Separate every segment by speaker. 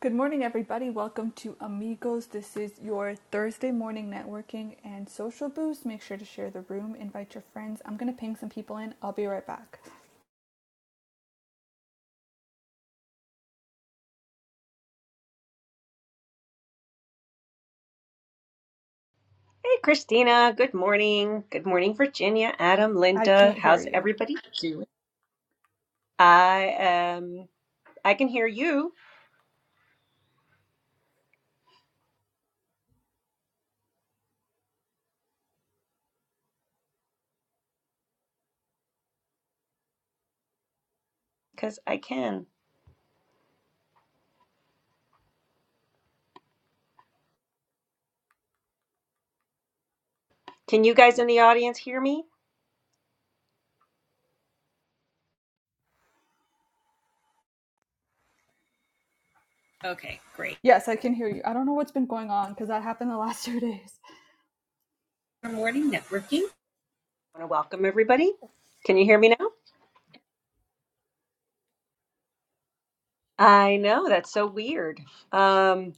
Speaker 1: Good morning, everybody. Welcome to Amigos. This is your Thursday morning networking and social boost. Make sure to share the room, invite your friends. I'm going to ping some people in. I'll be right back.
Speaker 2: Hey, Christina. Good morning. Good morning, Virginia, Adam,
Speaker 1: I
Speaker 2: Linda.
Speaker 1: can't hear
Speaker 2: How's
Speaker 1: you.
Speaker 2: everybody doing? I um I can hear you because I can. Can you guys in the audience hear me? Okay, great.
Speaker 1: Yes, I can hear you. I don't know what's been going on because that happened the last two days.
Speaker 2: Good morning, networking. I want to welcome everybody. Can you hear me now? I know that's so weird. Um.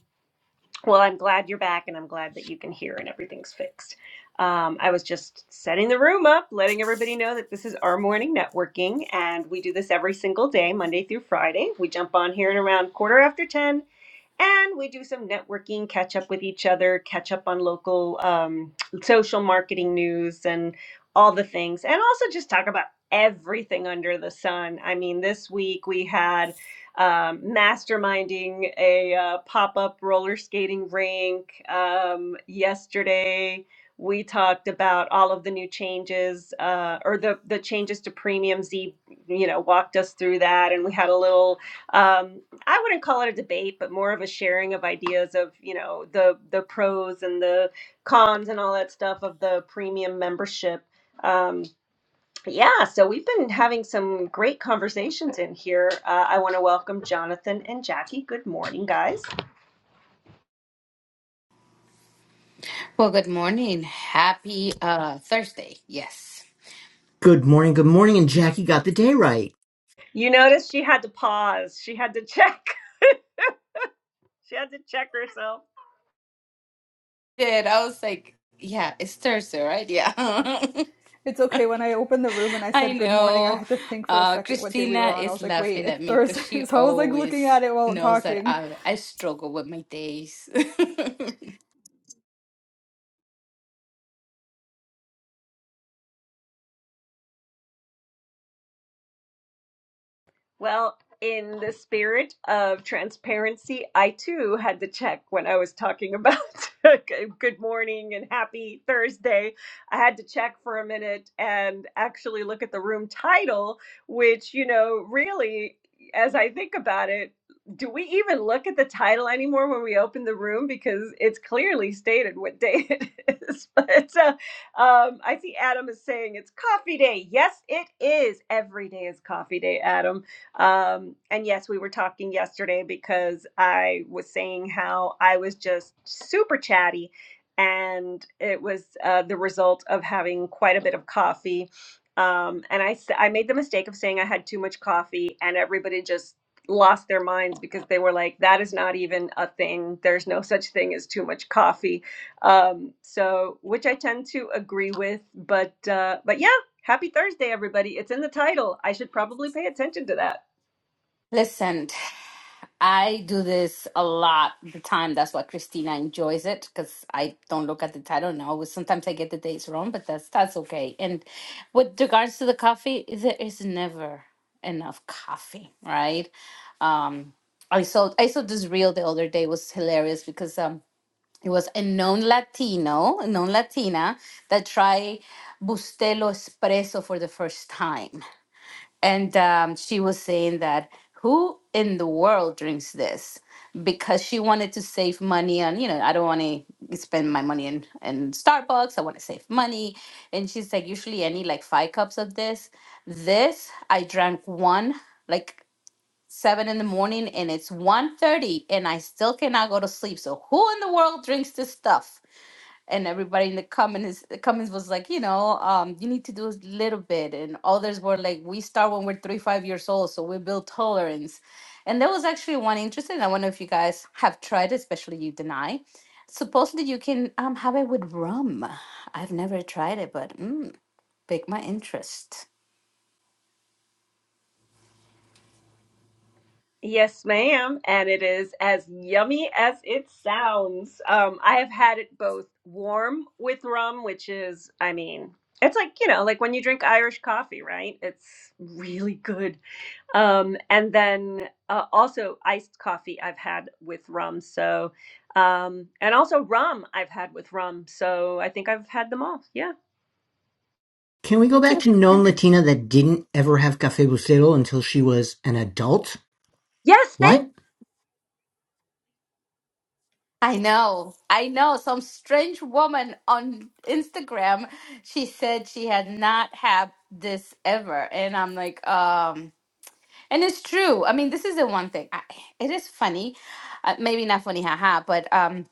Speaker 2: Well, I'm glad you're back and I'm glad that you can hear and everything's fixed. Um, I was just setting the room up, letting everybody know that this is our morning networking and we do this every single day, Monday through Friday. We jump on here at around quarter after 10 and we do some networking, catch up with each other, catch up on local um, social marketing news and all the things, and also just talk about everything under the sun. I mean, this week we had um, masterminding a uh, pop up roller skating rink. Um, yesterday, we talked about all of the new changes uh, or the, the changes to premium. Z, you know, walked us through that, and we had a little. Um, I wouldn't call it a debate, but more of a sharing of ideas of you know the the pros and the cons and all that stuff of the premium membership. Um, yeah, so we've been having some great conversations in here. Uh, I want to welcome Jonathan and Jackie. Good morning, guys.
Speaker 3: Well, good morning. Happy uh Thursday. Yes.
Speaker 4: Good morning, good morning, and Jackie got the day right.
Speaker 2: You noticed she had to pause. She had to check. She had to check herself
Speaker 3: Did I was like, yeah, it's Thursday, right? Yeah.
Speaker 1: It's okay. When I opened the room and I
Speaker 3: I
Speaker 1: said good morning, I
Speaker 3: know.
Speaker 1: had to think for a
Speaker 3: Uh
Speaker 1: second what day we were
Speaker 3: Christina
Speaker 1: on. I
Speaker 3: is
Speaker 1: was like, wait,
Speaker 3: laughing
Speaker 1: it's
Speaker 3: at me because
Speaker 1: Thursday.
Speaker 3: she
Speaker 1: So I was like looking
Speaker 3: always
Speaker 1: at it while
Speaker 3: knows that
Speaker 1: talking.
Speaker 3: I I struggle with my days.
Speaker 2: Well, in the spirit of transparency, I too had to check when I was talking about good morning and happy Thursday. I had to check for a minute and actually look at the room title, which, you know, really, as I think about it, do we even look at the title anymore when we open the room? Because it's clearly stated what day it is. But uh, um, I see Adam is saying it's coffee day. Yes, it is. Every day is coffee day, Adam um, and yes, we were talking yesterday because I was saying how I was just super chatty, and it was uh, the result of having quite a bit of coffee. Um, and I, s- I made the mistake of saying I had too much coffee, and everybody just lost their minds because they were like, that is not even a thing. There's no such thing as too much coffee. Um, so, which I tend to agree with, but, uh, but yeah, happy Thursday, everybody. It's in the title. I should probably pay attention to that.
Speaker 3: Listen, I do this a lot of the time. That's why Christina enjoys it because I don't look at the title now. Sometimes I get the dates wrong, but that's that's okay. And with regards to the coffee, there is never enough coffee, right? Um, I saw I saw this reel the other day It was hilarious because um it was a known Latino, a known Latina that tried Bustelo espresso for the first time and um, she was saying that who in the world drinks this because she wanted to save money on you know i don't want to spend my money in, in starbucks i want to save money and she's like usually i need like five cups of this this i drank one like seven in the morning and it's one thirty, and i still cannot go to sleep so who in the world drinks this stuff and everybody in the comments the comments was like, you know, um, you need to do a little bit, and others were like, we start when we're three five years old, so we build tolerance. And there was actually one interesting. I wonder if you guys have tried, especially you deny. Supposedly you can um have it with rum. I've never tried it, but mm, pick my interest.
Speaker 2: Yes, ma'am. And it is as yummy as it sounds. Um, I have had it both warm with rum, which is, I mean, it's like, you know, like when you drink Irish coffee, right? It's really good. Um, and then uh, also iced coffee I've had with rum. So, um, and also rum I've had with rum. So I think I've had them all. Yeah.
Speaker 4: Can we go back to known Latina that didn't ever have Cafe Bucero until she was an adult?
Speaker 2: Yes, Thank.
Speaker 4: What?
Speaker 3: I know, I know. Some strange woman on Instagram, she said she had not had this ever, and I'm like, um. And it's true. I mean, this is the one thing. I, it is funny, uh, maybe not funny, haha. But um,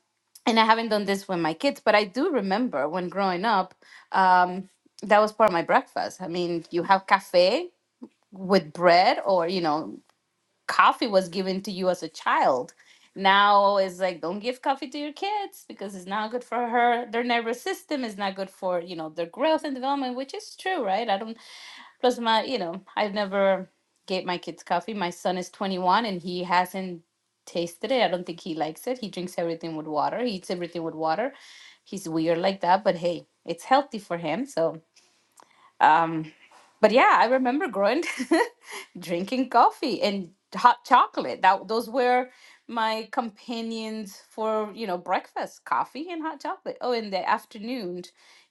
Speaker 3: and I haven't done this with my kids, but I do remember when growing up, um, that was part of my breakfast. I mean, you have cafe with bread, or you know, coffee was given to you as a child. Now it's like don't give coffee to your kids because it's not good for her. Their nervous system is not good for you know their growth and development, which is true, right? I don't Plus, my, you know, I've never gave my kids coffee. My son is 21 and he hasn't tasted it. I don't think he likes it. He drinks everything with water. He eats everything with water. He's weird like that, but hey, it's healthy for him. So, um, but yeah, I remember growing drinking coffee and hot chocolate. That those were my companions for, you know, breakfast, coffee and hot chocolate. Oh, in the afternoon,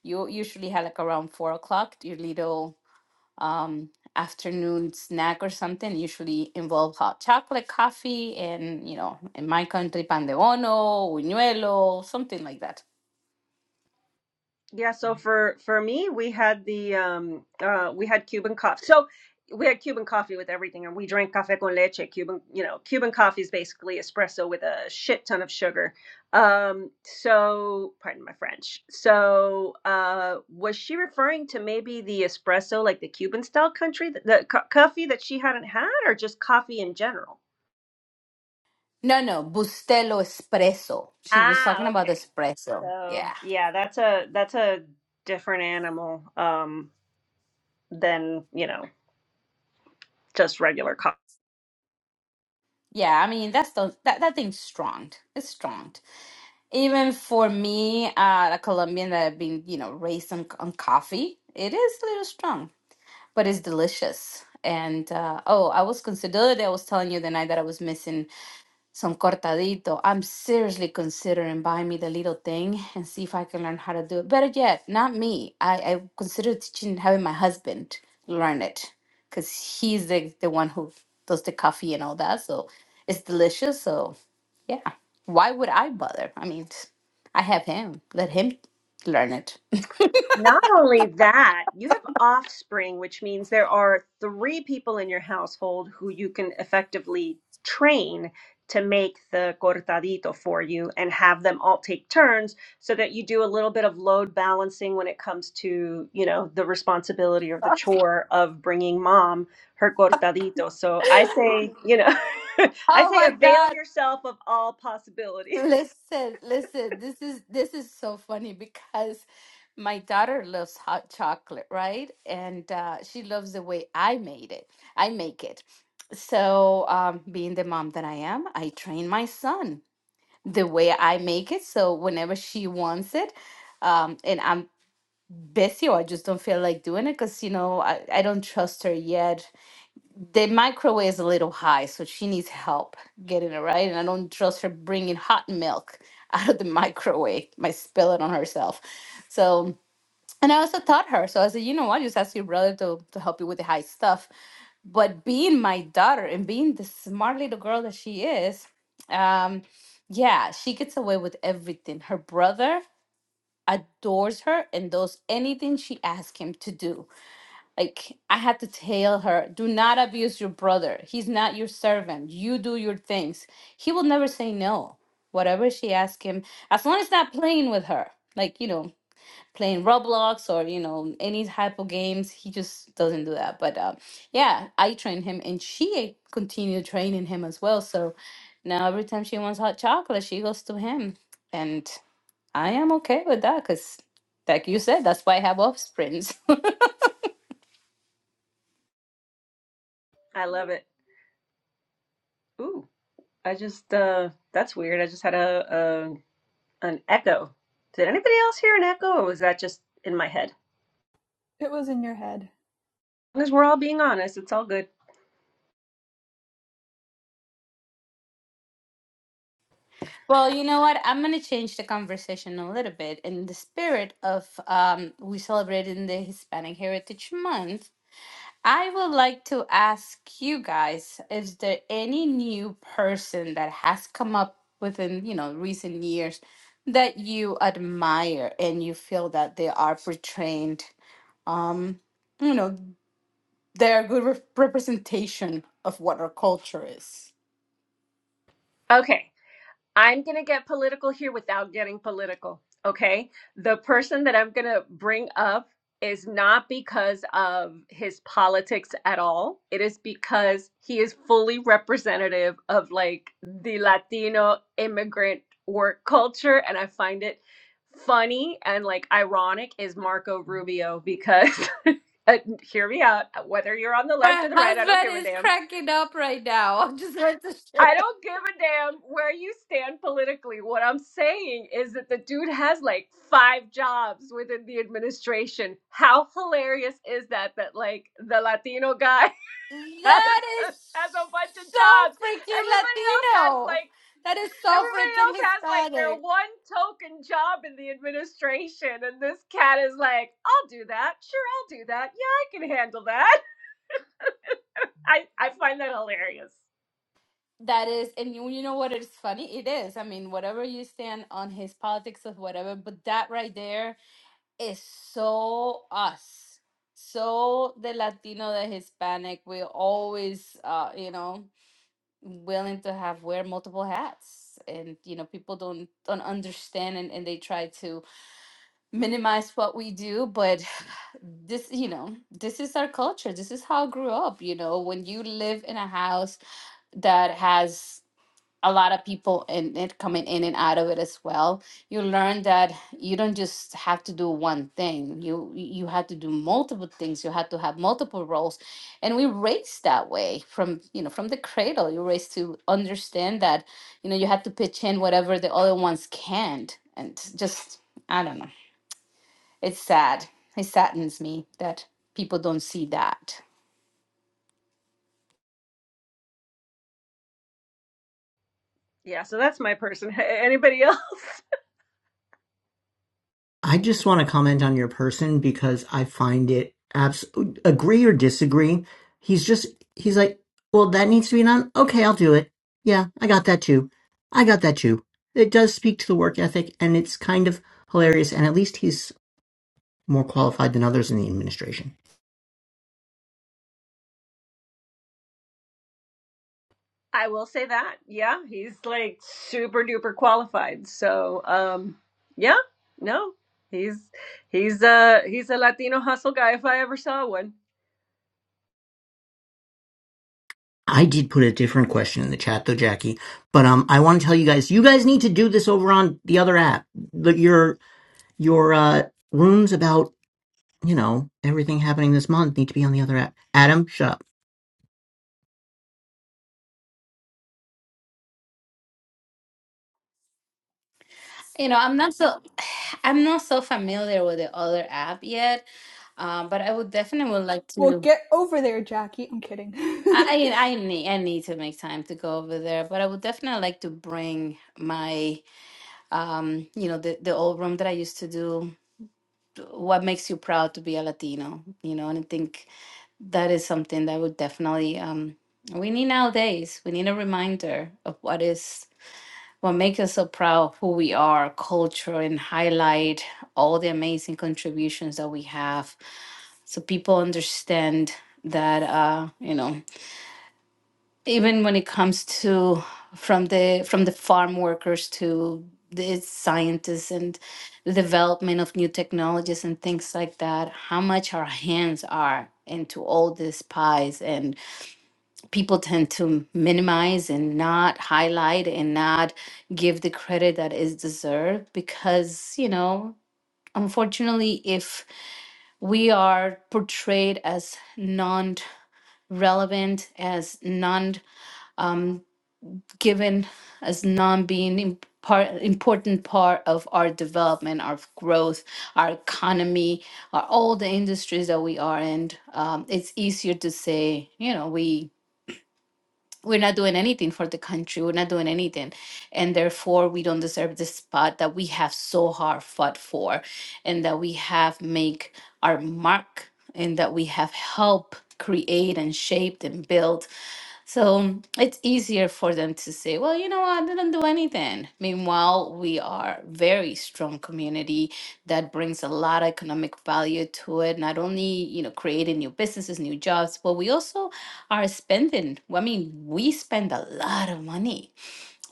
Speaker 3: you usually had like around four o'clock, your little um, afternoon snack or something usually involve hot chocolate, coffee, and you know, in my country, pan de bono, buñuelo, something like that.
Speaker 2: Yeah, so for for me, we had the um uh we had Cuban coffee. So we had Cuban coffee with everything, and we drank cafe con leche. Cuban, you know, Cuban coffee is basically espresso with a shit ton of sugar. Um, so pardon my French. So uh was she referring to maybe the espresso, like the Cuban style country, the, the co- coffee that she hadn't had, or just coffee in general?
Speaker 3: No, no, Bustelo espresso. She was talking
Speaker 2: Ah,
Speaker 3: about
Speaker 2: okay.
Speaker 3: espresso. Yeah,
Speaker 2: So yeah, that's a that's a different animal um than, you know. just regular coffee.
Speaker 3: yeah. I mean, that's the that that thing's strong. It's strong. Even for me, uh, a Colombian that I've been, you know, raised on on coffee, it is a little strong, but it's delicious. And uh, oh, I was considered. I was telling you the night that I was missing some cortadito. I'm seriously considering buying me the little thing and see if I can learn how to do it. Better yet, not me. I, I consider teaching having my husband learn it because he's the, the one who does the coffee and all that. So it's delicious. So yeah, why would I bother? I mean, I have him. Let him learn it.
Speaker 2: Not only that, you have offspring, which means there are three people in your household who you can effectively train to make the cortadito for you and have them all take turns so that you do a little bit of load balancing when it comes to, you know, the responsibility or the chore of bringing mom her cortadito. So I say, you know, I
Speaker 3: Oh
Speaker 2: say
Speaker 3: my
Speaker 2: avail
Speaker 3: God.
Speaker 2: yourself of all possibilities.
Speaker 3: Listen, listen, this is this is so funny because my daughter loves hot chocolate, right? And uh, she loves the way I made it. I make it. So, um, being the mom that I am, I train my son the way I make it. So whenever she wants it, um, and I'm busy or I just don't feel like doing it because you know I, I don't trust her yet the microwave is a little high, so she needs help getting it right. And I don't trust her bringing hot milk out of the microwave. Might spill it on herself. So, and I also taught her. So I said, you know what? Just ask your brother to, to help you with the high stuff. But being my daughter and being the smart little girl that she is, um, yeah, she gets away with everything. Her brother adores her and does anything she asks him to do like I had to tell her, do not abuse your brother. He's not your servant. You do your things. He will never say no. Whatever she asks him, as long as not playing with her, like you know, playing Roblox or you know any type of games, he just doesn't do that. But um, yeah, I trained him, and she continued training him as well. So now every time she wants hot chocolate, she goes to him, and I am okay with that because, like you said, that's why I have offsprings.
Speaker 2: I love it. Ooh, I just uh that's weird. I just had a, a an echo. Did anybody else hear an echo or was that just in my head?
Speaker 1: It was in your head.
Speaker 2: As long as we're all being honest, it's all good.
Speaker 3: Well, you know what? I'm going to change the conversation a little bit. In the spirit of um, we celebrating the Hispanic Heritage Month, I would like to ask you guys: Is there any new person that has come up within you know recent years that you admire and you feel that they are portraying, you know, they're a good re- representation of what our culture is?
Speaker 2: Okay. I'm going to get political here without getting political. Okay. The person that I'm going to bring up is not because of his politics at all. It is because he is fully representative of like the Latino immigrant work culture. And I find it funny and like ironic is Marco Rubio because. Uh, hear me out. Whether you're on the left
Speaker 3: My
Speaker 2: or the right, I don't give
Speaker 3: husband
Speaker 2: a
Speaker 3: is
Speaker 2: damn
Speaker 3: cracking up right now. I'm just going to share.
Speaker 2: I don't give a damn where you stand politically. What I'm saying is that the dude has like five jobs within the administration. How hilarious is that? That like the Latino guy has
Speaker 3: That is
Speaker 2: has a bunch of
Speaker 3: so
Speaker 2: jobs.
Speaker 3: freaking
Speaker 2: Everybody else has
Speaker 3: Latino.
Speaker 2: like
Speaker 3: That is so
Speaker 2: everybody
Speaker 3: freaking
Speaker 2: else has like their
Speaker 3: Hispanic.
Speaker 2: one token job in the administration, and this cat is like, I'll do that. Sure, I'll do that. Yeah, I can handle that. I I find that hilarious.
Speaker 3: That is, and you, you know what is funny? It is. I mean, whatever you stand on his politics of whatever, but that right there is so us. So the Latino, the Hispanic, we're always, uh, you know, willing to have wear multiple hats, and you know, people don't don't understand, and, and they try to minimize what we do but this you know this is our culture this is how i grew up you know when you live in a house that has a lot of people in it coming in and out of it as well you learn that you don't just have to do one thing you you have to do multiple things you have to have multiple roles and we raised that way from you know from the cradle you're raised to understand that you know you have to pitch in whatever the other ones can't and just i don't know it's sad. It saddens me that people don't see that.
Speaker 2: Yeah, so that's my person. Anybody else?
Speaker 4: I just want to comment on your person because I find it abs agree or disagree. He's just he's like, well, that needs to be done. Okay, I'll do it. Yeah, I got that too. I got that too. It does speak to the work ethic, and it's kind of hilarious. And at least he's more qualified than others in the administration.
Speaker 2: I will say that. Yeah, he's like super duper qualified. So, um, yeah, no, he's he's a he's a Latino hustle guy if I ever saw one.
Speaker 4: I did put a different question in the chat though, Jackie. But um, I want to tell you guys, you guys need to do this over on the other app. The, your your uh, rooms about you know everything happening this month need to be on the other app. Adam, shut up.
Speaker 3: You know, I'm not so I'm not so familiar with the other app yet, uh, but I would definitely would like
Speaker 1: Well,
Speaker 3: to.
Speaker 1: get over there, Jackie. I'm kidding.
Speaker 3: I I I need I need to make time to go over there, but I would definitely like to bring my um you know the the old room that I used to do. What makes you proud to be a Latino? You know, and I think that is something that would definitely um we need nowadays. We need a reminder of what is what makes us so proud of who we are, our culture, and highlight all the amazing contributions that we have so people understand that uh you know even when it comes to from the from the farm workers to the scientists and the development of new technologies and things like that how much our hands are into all these pies and people tend to minimize and not highlight and not give the credit that is deserved because you know unfortunately if we are portrayed as non-relevant as non um, given as non being im- part important part of our development our growth our economy our all the industries that we are in um, it's easier to say you know we we're not doing anything for the country. We're not doing anything. And therefore, we don't deserve the spot that we have so hard fought for and that we have make our mark and that we have helped create and shaped and built. So it's easier for them to say, well, you know what, I didn't do anything. Meanwhile, we are very strong community that brings a lot of economic value to it, not only, you know, creating new businesses, new jobs, but we also are spending. well, I mean, we spend a lot of money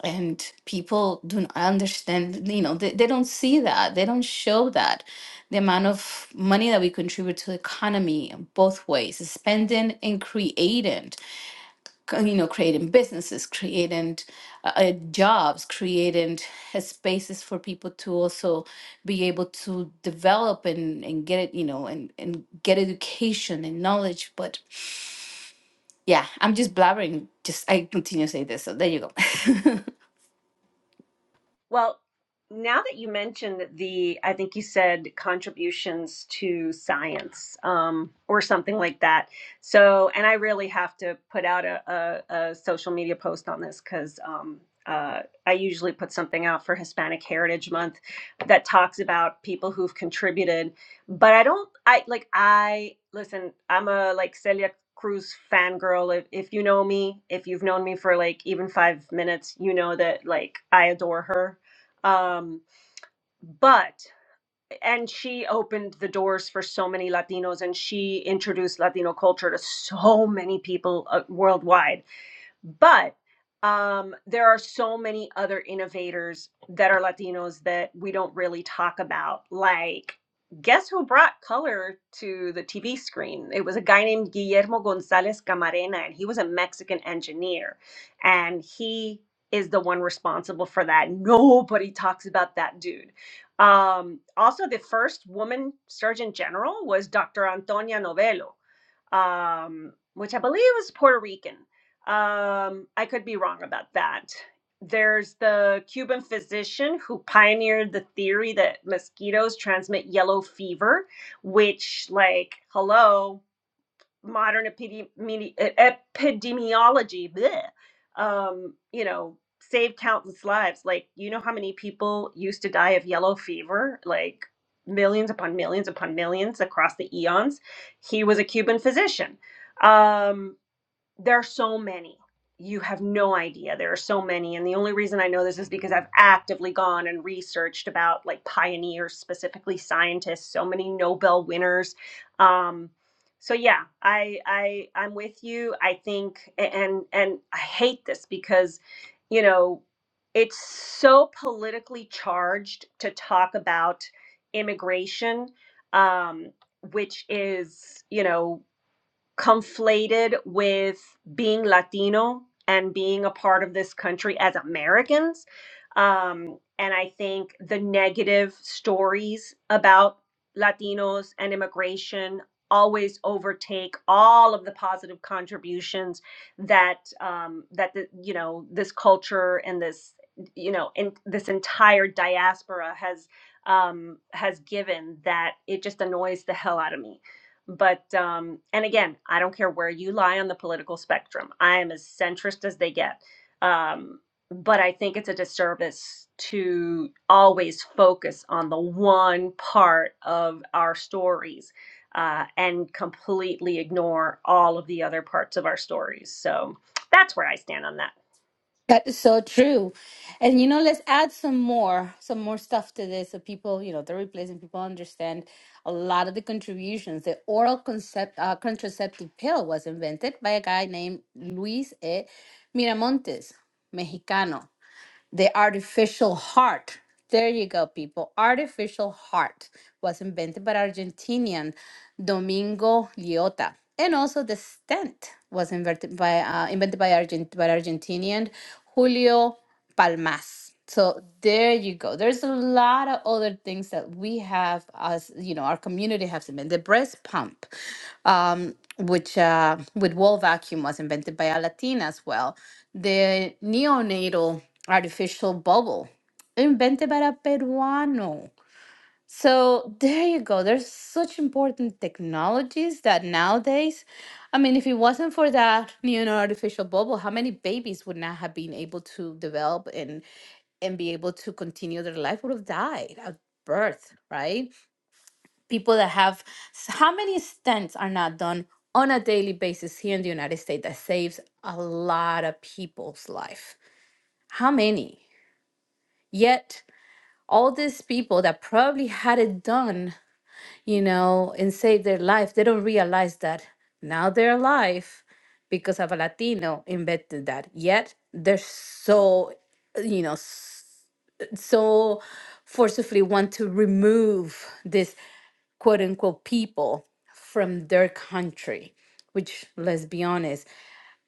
Speaker 3: and people don't understand, you know, they, they don't see that. They don't show that. The amount of money that we contribute to the economy both ways, spending and creating c- you know, creating businesses, creating uh, uh, jobs, creating uh, spaces for people to also be able to develop and, and get it, you know, and, and get education and knowledge. But yeah, I'm just blabbering. Just I continue to say this. So there you go.
Speaker 2: Well, now that you mentioned the, I think you said contributions to science um, or something like that. So, and I really have to put out a, a, a social media post on this because um, uh, I usually put something out for Hispanic Heritage Month that talks about people who've contributed. But I don't, I like, I listen, I'm a like Celia Cruz fangirl. If, if you know me, if you've known me for like even five minutes, you know that like I adore her um but and she opened the doors for so many latinos and she introduced latino culture to so many people uh, worldwide but um, there are so many other innovators that are Latinos that we don't really talk about. Like, guess who brought color to the TV screen? It was a guy named Guillermo Gonzalez Camarena, and he was a Mexican engineer. And he is the one responsible for that. Nobody talks about that dude. Um, also, the first woman surgeon general was Dr. Antonia Novello um, which I believe is Puerto Rican. Um, I could be wrong about that. There's the Cuban physician who pioneered the theory that mosquitoes transmit yellow fever, which, like, hello, modern epidemi- e- epidemiology, bleh, um, you know, saved countless lives. Like, you know how many people used to die of yellow fever? Like, millions upon millions upon millions across the eons. He was a Cuban physician. Um, there are so many. You have no idea. There are so many. And the only reason I know this is because I've actively gone and researched about like pioneers, specifically scientists, so many Nobel winners. Um, so yeah, I I I'm with you. I think and and I hate this because, you know, it's so politically charged to talk about immigration, um, which is, you know, conflated with being Latino and being a part of this country as Americans. Um, and I think the negative stories about Latinos and immigration always overtake all of the positive contributions that um, that the, you know this culture and this you know and this entire diaspora has um, has given that it just annoys the hell out of me but, um, and again, I don't care where you lie on the political spectrum. I am as centrist as they get. Um, but I think it's a disservice to always focus on the one part of our stories uh, and completely ignore all of the other parts of our stories. So, that's where I stand on that.
Speaker 3: That is so true. And you know, let's add some more, some more stuff to this so people, you know, they're replacing people understand a lot of the contributions. The oral concept uh, contraceptive pill was invented by a guy named Luis E. Miramontes, Mexicano the artificial heart. There you go, people. Artificial heart was invented by Argentinian Domingo Liotta. And also the stent was invented by, uh, invented by, Argent- by Argentinian Julio Palmas. So there you go. There's a lot of other things that we have as, you know, our community has invented. The breast pump um, which uh, with wall vacuum was invented by a Latina as well. The neonatal artificial bubble invented by a Peruano. So there you go. There's such important technologies that nowadays, I mean, if it wasn't for that neonatal artificial bubble, how many babies would not have been able to develop and and be able to continue their life would have died at birth, right? people that have how many stents are not done on a daily basis here in the United States that saves a lot of people's life? How many? Yet all these people that probably had it done, you know, and saved their life, they don't realize that now they're alive because of a Latino invented that. Yet they're so, you know, s- so forcefully want to remove this. quote unquote people from their country which let's be honest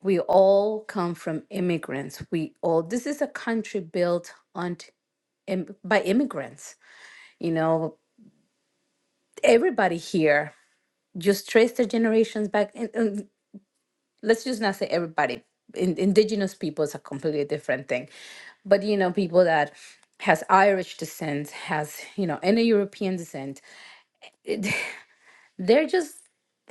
Speaker 3: we all come from immigrants we all this is a country built on t- im- by immigrants you know everybody here just trace their generations back and, and let's just not say everybody in, indigenous people is a completely different thing but you know people that has irish descent has you know any european descent they're just.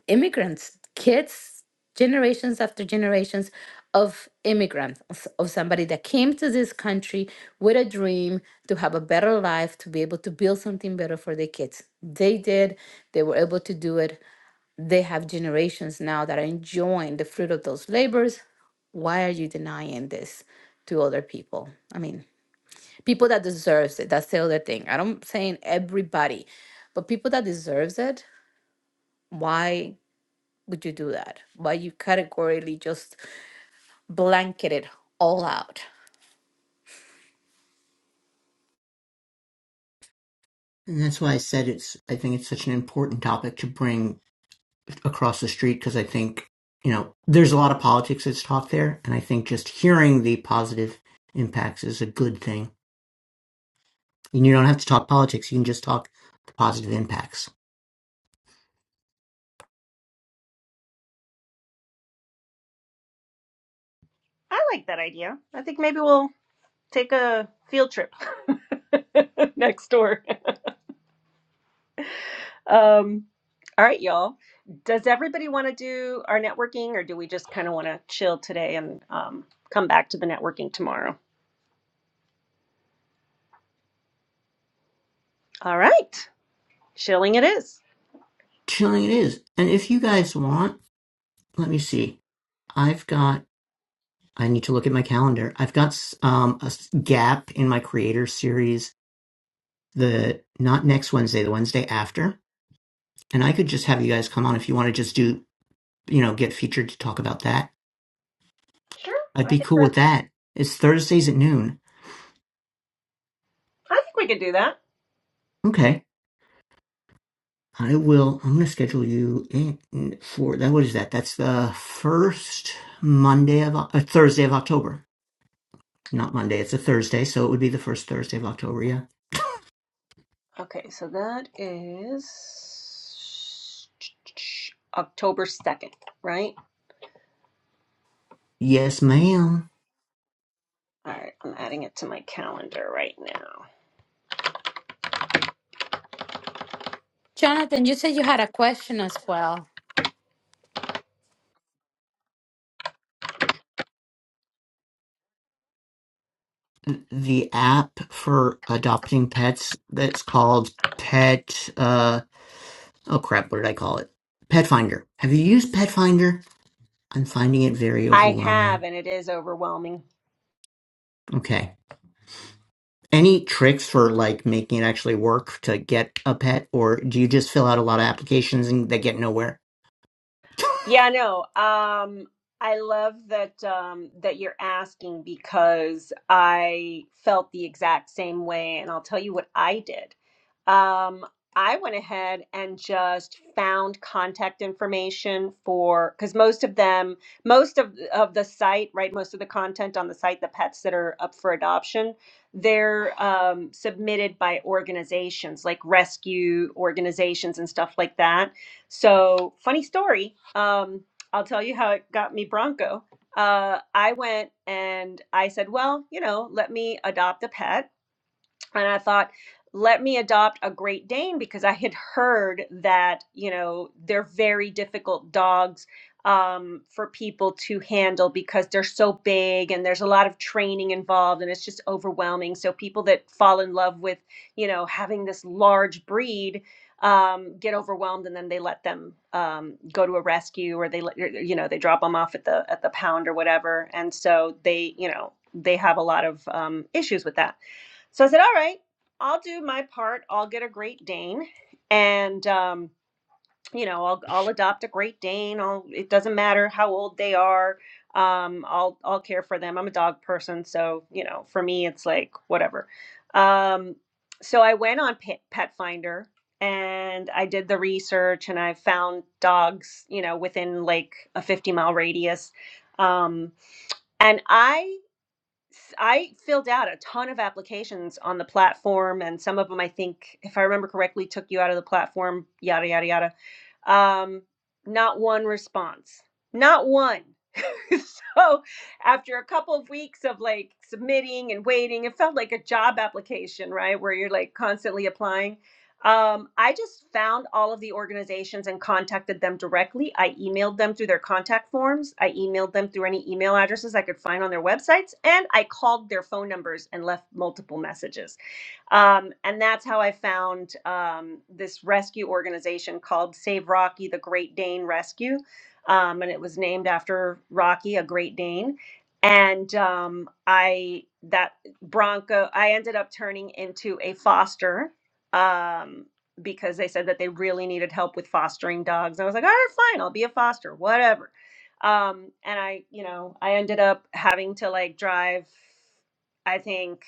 Speaker 3: immigrants, kids, generations after generations of immigrants, of of somebody that came to this country with a dream to have a better life, to be able to build something better for their kids. They did, they were able to do it. They have generations now that are enjoying the fruit of those labors. Why are you denying this to other people? I mean, people that deserves it. That's the other thing. I don't saying everybody, but people that deserves it, why would you do that? Why you categorically just blanket it all out?
Speaker 4: And that's why I said it's. I think it's such an important topic to bring across the street because I think you know there's a lot of politics that's taught there, and I think just hearing the positive impacts is a good thing. And you don't have to talk politics; you can just talk the positive impacts.
Speaker 2: I like that idea. I think maybe we'll take a field trip next door. Um, all right, y'all. Does everybody want to do our networking, or do we just kind of want to chill today and um, come back to the networking tomorrow? All right. Shilling it is.
Speaker 4: Chilling it is. And if you guys want, let me see. I've got, I need to look at my calendar. I've got um, a s- gap in my creator series, the not next Wednesday, the Wednesday after. And I could just have you guys come on if you want to just do, you know, get featured to talk about that.
Speaker 2: Sure.
Speaker 4: I'd
Speaker 2: I
Speaker 4: be
Speaker 2: think
Speaker 4: cool with
Speaker 2: we're,
Speaker 4: that. It's Thursdays at noon.
Speaker 2: I think we could do that.
Speaker 4: Okay. I will, I'm going to schedule you in for that. What is that? That's the first Monday of, Oc- uh, Thursday of October. Not Monday, it's a Thursday, so it would be the first Thursday of October, yeah.
Speaker 2: Okay, so that is October 2nd, right?
Speaker 4: Yes, ma'am.
Speaker 2: All right, I'm adding it to my calendar right now.
Speaker 3: Jonathan, you said you had a question as well.
Speaker 4: The app for adopting pets that's called Pet uh oh crap, what did I call it? Pet Finder. Have you used Pet Finder? I'm finding it very
Speaker 2: I have,
Speaker 4: overwhelming.
Speaker 2: and it is overwhelming.
Speaker 4: Okay. Any tricks for like making it actually work to get a pet or do you just fill out a lot of applications and they get nowhere?
Speaker 2: Yeah, no. Um, I love that um, that you're asking because I felt the exact same way, and I'll tell you what I did. Um, I went ahead and just found contact information for because most of them, most of of the site, right, most of the content on the site, the pets that are up for adoption, they're um, submitted by organizations like rescue organizations and stuff like that so, funny story. Um, I'll tell you how it got me Bronco. Uh, I went and I said, well, you know, let me adopt a pet and I thought, let me adopt a Great Dane because I had heard that you know they're very difficult dogs um, for people to handle because they're so big and there's a lot of training involved and it's just overwhelming. So people that fall in love with you know having this large breed um, get overwhelmed and then they let them um, go to a rescue or they let you know they drop them off at the at the pound or whatever. And so they you know they have a lot of um, issues with that. So I said, all right, I'll do my part. I'll get a Great Dane and, um, you know, I'll, I'll adopt a Great Dane. I'll, it doesn't matter how old they are. Um, I'll, I'll care for them. I'm a dog person. So, you know, for me, it's like whatever. Um, so I went on Pet, Pet Finder and I did the research and I found dogs, you know, within like a 50 mile radius. Um, and I s- I filled out a ton of applications on the platform, and some of them I think, if I remember correctly, took you out of the platform. Yada yada yada. Um, not one response, not one. so after a couple of weeks of like submitting and waiting, it felt like a job application, right? Where you're like constantly applying. Um, I just found all of the organizations and contacted them directly. I emailed them through their contact forms. I emailed them through any email addresses I could find on their websites, and I called their phone numbers and left multiple messages. Um, and that's how I found um, this rescue organization called Save Rocky the Great Dane Rescue. Um, and it was named after Rocky, a Great Dane. And um, I, that Bronco, I ended up turning into a foster um, because they said that they really needed help with fostering dogs. I was like, all right, fine, I'll be a foster, whatever. Um, and I, you know, I ended up having to like drive, I think.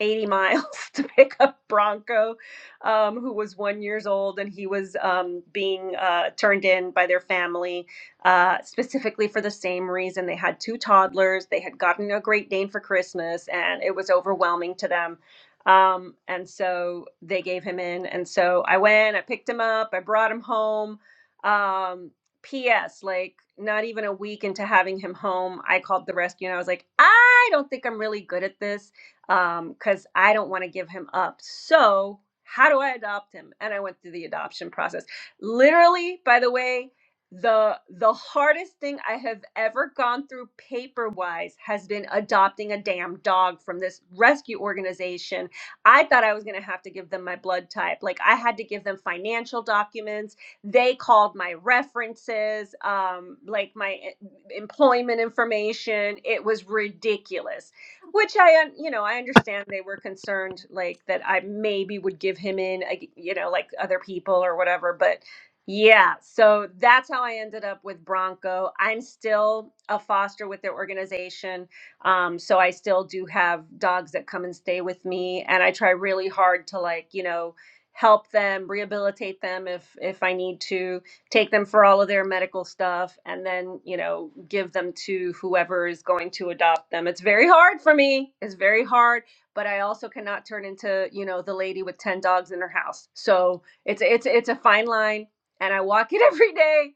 Speaker 2: 80 miles to pick up Bronco, um, who was one years old, and he was um, being uh, turned in by their family uh, specifically for the same reason. They had two toddlers. They had gotten a Great Dane for Christmas, and it was overwhelming to them. Um, and so they gave him in. And so I went, I picked him up, I brought him home. Um, P.S. Like not even a week into having him home, I called the rescue and I was like, I don't think I'm really good at this um, because I don't want to give him up. So, how do I adopt him? And I went through the adoption process. Literally, by the way, the the hardest thing I have ever gone through paper wise has been adopting a damn dog from this rescue organization. I thought I was gonna have to give them my blood type. Like I had to give them financial documents. They called my references, um, like my e- employment information. It was ridiculous which I, un- you know, I understand they were concerned like that I maybe would give him in, like, you know, like other people or whatever. But yeah, so that's how I ended up with Bronco. I'm still a foster with their organization. Um, so I still do have dogs that come and stay with me. And I try really hard to like, you know, help them rehabilitate them if if i need to take them for all of their medical stuff and then you know give them to whoever is going to adopt them it's very hard for me it's very hard but i also cannot turn into you know the lady with 10 dogs in her house so it's it's it's a fine line and i walk it every day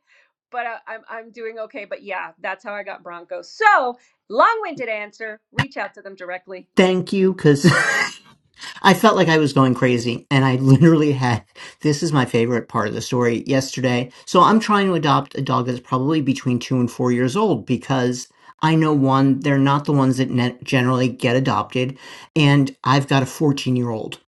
Speaker 2: but I, I'm, I'm doing okay but yeah that's how i got bronco so long-winded answer reach out to them directly
Speaker 4: Thank you cuz I felt like I was going crazy and I literally had this is my favorite part of the story yesterday. So I'm trying to adopt a dog that's probably between 2 and 4 years old because I know one they're not the ones that ne- generally get adopted and I've got a 14-year-old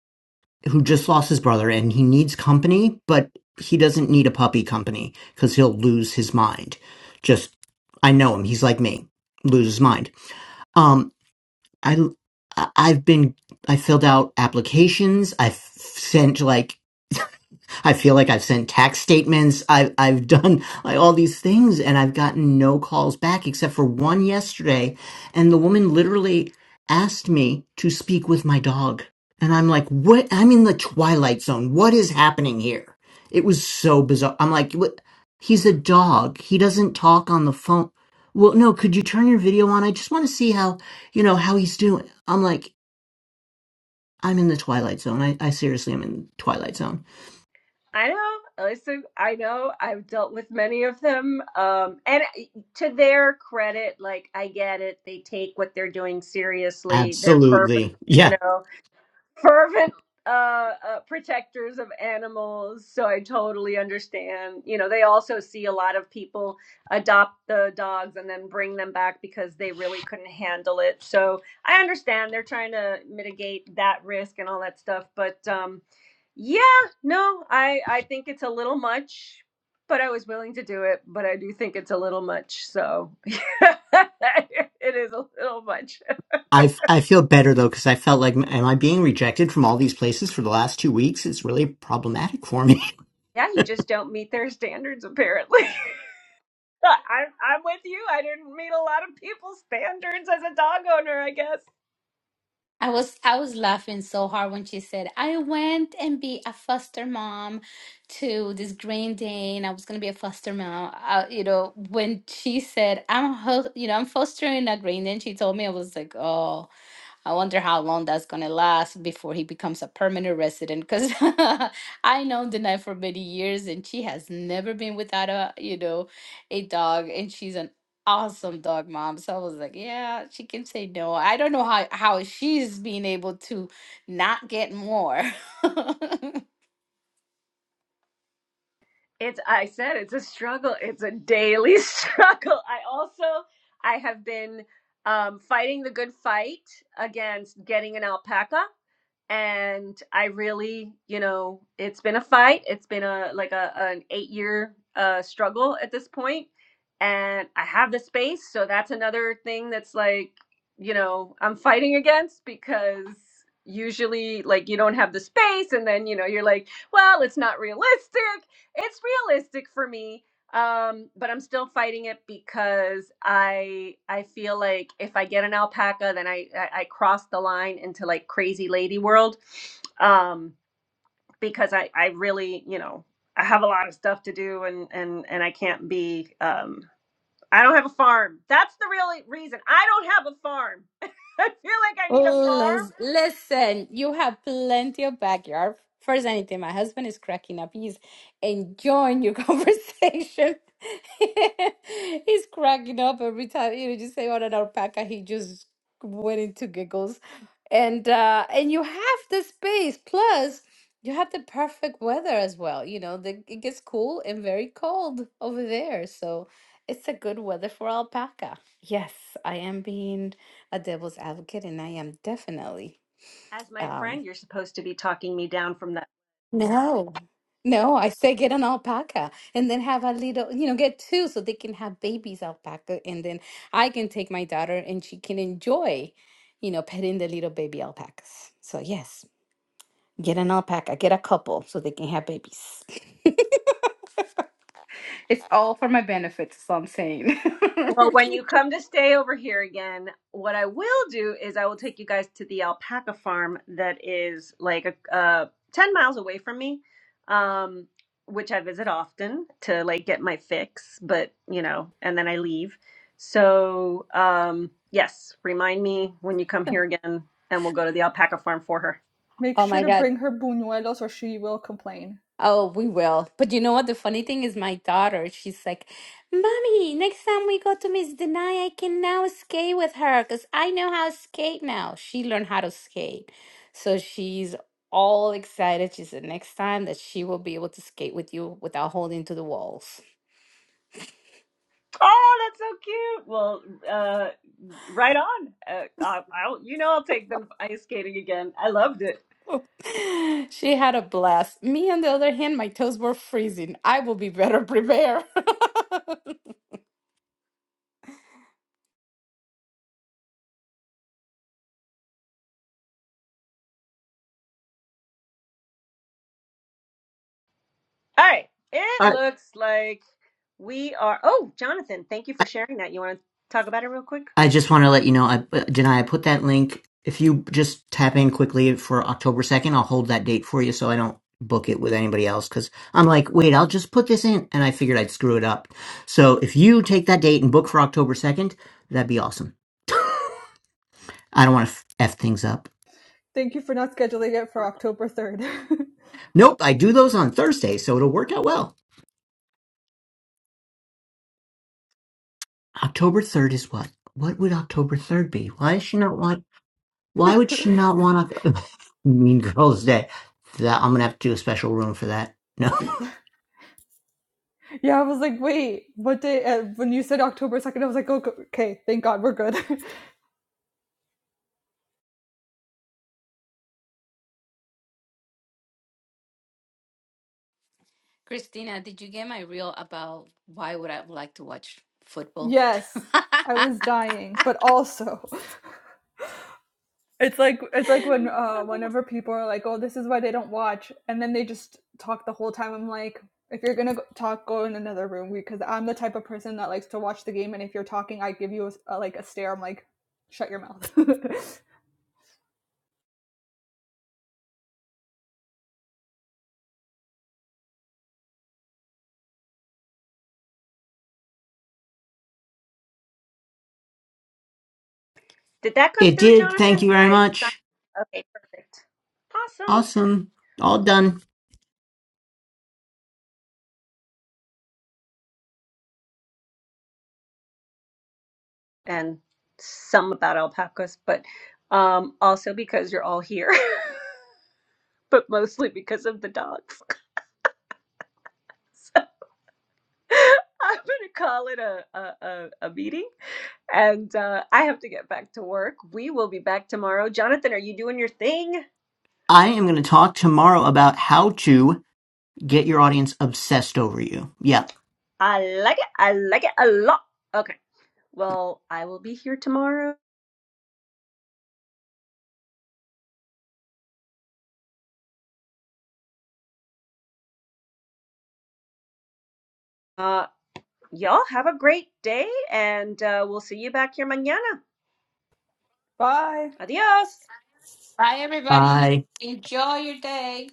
Speaker 4: who just lost his brother and he needs company but he doesn't need a puppy company cuz he'll lose his mind. Just I know him. He's like me. Lose his mind. Um, I, I- have been, I filled out applications. I've sent like I feel like I've sent tax statements. I've I've done like all these things, and I've gotten no calls back except for one yesterday, and the woman literally asked me to speak with my dog, and I'm like, "What? I'm in the twilight zone. What is happening here?" It was so bizarre. I'm like, "What? He's a dog. He doesn't talk on the phone." Well, no. Could you turn your video on? I just want to see how you know how he's doing. I'm like, I'm in the twilight zone. I, I seriously am in the twilight zone.
Speaker 2: I know. Listen, I know. I've dealt with many of them. Um, and eh, to their credit, like I get it. They take what they're doing seriously. They're fervent,
Speaker 4: Absolutely. Yeah.
Speaker 2: you know fervent uh, uh protectors of animals so i totally understand you know they also see a lot of people adopt the dogs and then bring them back because they really couldn't handle it so i understand they're trying to mitigate that risk and all that stuff but um yeah no i i think it's a little much but i was willing to do it but i do think it's a little much so it is a little much
Speaker 4: I I feel better though because I felt like, am I being rejected from all these places for the last two weeks? It's really problematic for me.
Speaker 2: yeah you
Speaker 4: I,
Speaker 2: just don't meet their standards apparently I'm I'm with you. I didn't meet a lot of people's standards as a dog owner, I guess.
Speaker 3: I was I was laughing so hard when she said, I went and be a foster mom to this Green Dane. I was gonna be a foster mom. Uh, you know, when she said, I'm a ho- you know, I'm fostering a Green Dane, she told me I was like, oh. I wonder how long that's gonna last before he becomes a permanent resident. Because I know Denai for many years, and she has never been without a you know a dog, and she's an awesome dog mom. So I was like, yeah, she can say no. I don't know how how she's being able to not get more.
Speaker 2: It's I said it's a struggle. It's a daily struggle. I also I have been um, fighting the good fight against getting an alpaca. and I really, you know, it's been a fight. It's been a like a an eight year uh, struggle at this point, and I have the space, so that's another thing that's like, you know, I'm fighting against because usually like you don't have the space and then you know you're like well it's not realistic it's realistic for me um but i'm still fighting it because i i feel like if i get an alpaca then i i, I cross the line into like crazy lady world um because i i really you know i have a lot of stuff to do and and and i can't be um i don't have a farm that's the real reason i don't have a farm i feel like i need a
Speaker 3: Oh,
Speaker 2: farm
Speaker 3: lis- listen, you have plenty of backyard. First, anything, my husband is cracking up. He's enjoying your conversation. He's cracking up every time you know, just say on an alpaca. He just went into giggles, and uh, and you have the space. Plus, you have the perfect weather as well. You know, the, it gets cool and very cold over there, so it's a good weather for alpaca. Yes, I am being a devil's advocate, and I am definitely.
Speaker 2: as my
Speaker 3: Um,
Speaker 2: friend you're supposed to be talking me down from that
Speaker 3: no, no, I say get an alpaca and then have a little, you know, get two so they can have babies alpaca, and then I can take my daughter and she can enjoy, you know, petting the little baby alpacas. So yes, get an alpaca, get a couple so they can have babies. It's all for my benefit, so I'm saying.
Speaker 2: Well, when you come to stay over here again, what I will do is I will take you guys to the alpaca farm that is like a, uh, 10 miles away from me, um, which I visit often to like get my fix, but you know, and then I leave. So, um, yes, remind me when you come here again and we'll go to the alpaca farm for her.
Speaker 1: Make
Speaker 3: Oh
Speaker 1: sure
Speaker 3: my
Speaker 1: to
Speaker 3: God.
Speaker 1: bring her buñuelos or she will complain.
Speaker 3: Oh, we will. But you know what? The funny thing is, my daughter, she's like, Mommy, next time we go to Miss Denai, I can now skate with her because I know how to skate now. She learned how to skate. So she's all excited. She said, Next time that she will be able to skate with you without holding to the walls.
Speaker 2: Oh, that's so cute. Well, uh, right on. Uh, I, I'll, you know, I'll take them ice skating again. I loved it.
Speaker 3: She had a blast. Me, on the other hand, my toes were freezing. I will be better prepared.
Speaker 2: All right. It
Speaker 4: I
Speaker 2: looks like we are. Oh, Jonathan, thank you for sharing that. You want to talk about it real quick?
Speaker 4: I just want to let you know, I, uh, Janai, I put that link. If you just tap in quickly for October 2nd, I'll hold that date for you so I don't book it with anybody else because I'm like, wait, I'll just put this in. And I figured I'd screw it up. So if you take that date and book for October 2nd, that'd be awesome. I don't want to f, f things up.
Speaker 1: Thank you for not scheduling it for October 3rd.
Speaker 4: Nope, I do those on Thursday, so it'll work out well. October third is what? What would October third be? Why does she not want? Why would she not want Oc- Mean Girls Day? That I'm gonna have to do a special room for that. No,
Speaker 1: yeah, I was like, wait, what day? Uh, when you said October 2nd, I was like, oh, okay, thank God we're good.
Speaker 3: Christina, did you get my reel about why would I like to watch football?
Speaker 1: yes, I
Speaker 3: Bye,
Speaker 1: was dying, but also, it's like it's like when uh, whenever people are like, oh, this is why they don't watch, and then they just talk the whole time. I'm like, if you're gonna talk, go in another room because I'm the type of person that likes to watch the game, and if you're talking, I give you a, a, like a stare. I'm like, shut your mouth.
Speaker 2: Did that come
Speaker 4: it
Speaker 2: through,
Speaker 4: did. Thank
Speaker 2: Jonathan?
Speaker 4: you very
Speaker 2: I signed.
Speaker 4: much.
Speaker 2: Okay, perfect. Awesome.
Speaker 4: Awesome. All done.
Speaker 2: And some about alpacas, but um, also because you're all here, but mostly because of the dogs. So I'm going to call it a, a, a, a meeting and uh, I have to get back to work. We will be back tomorrow. Jonathan, are you doing your thing?
Speaker 4: I am gonna talk tomorrow about how to get your audience obsessed over you. Yeah.
Speaker 2: I like it. I like it a lot. Okay. Well, I will be here tomorrow. Uh, y'all have a great day, and uh, we'll see you back here mañana.
Speaker 1: Bye.
Speaker 2: Adios.
Speaker 3: everybody.
Speaker 4: Bye.
Speaker 3: Enjoy your day.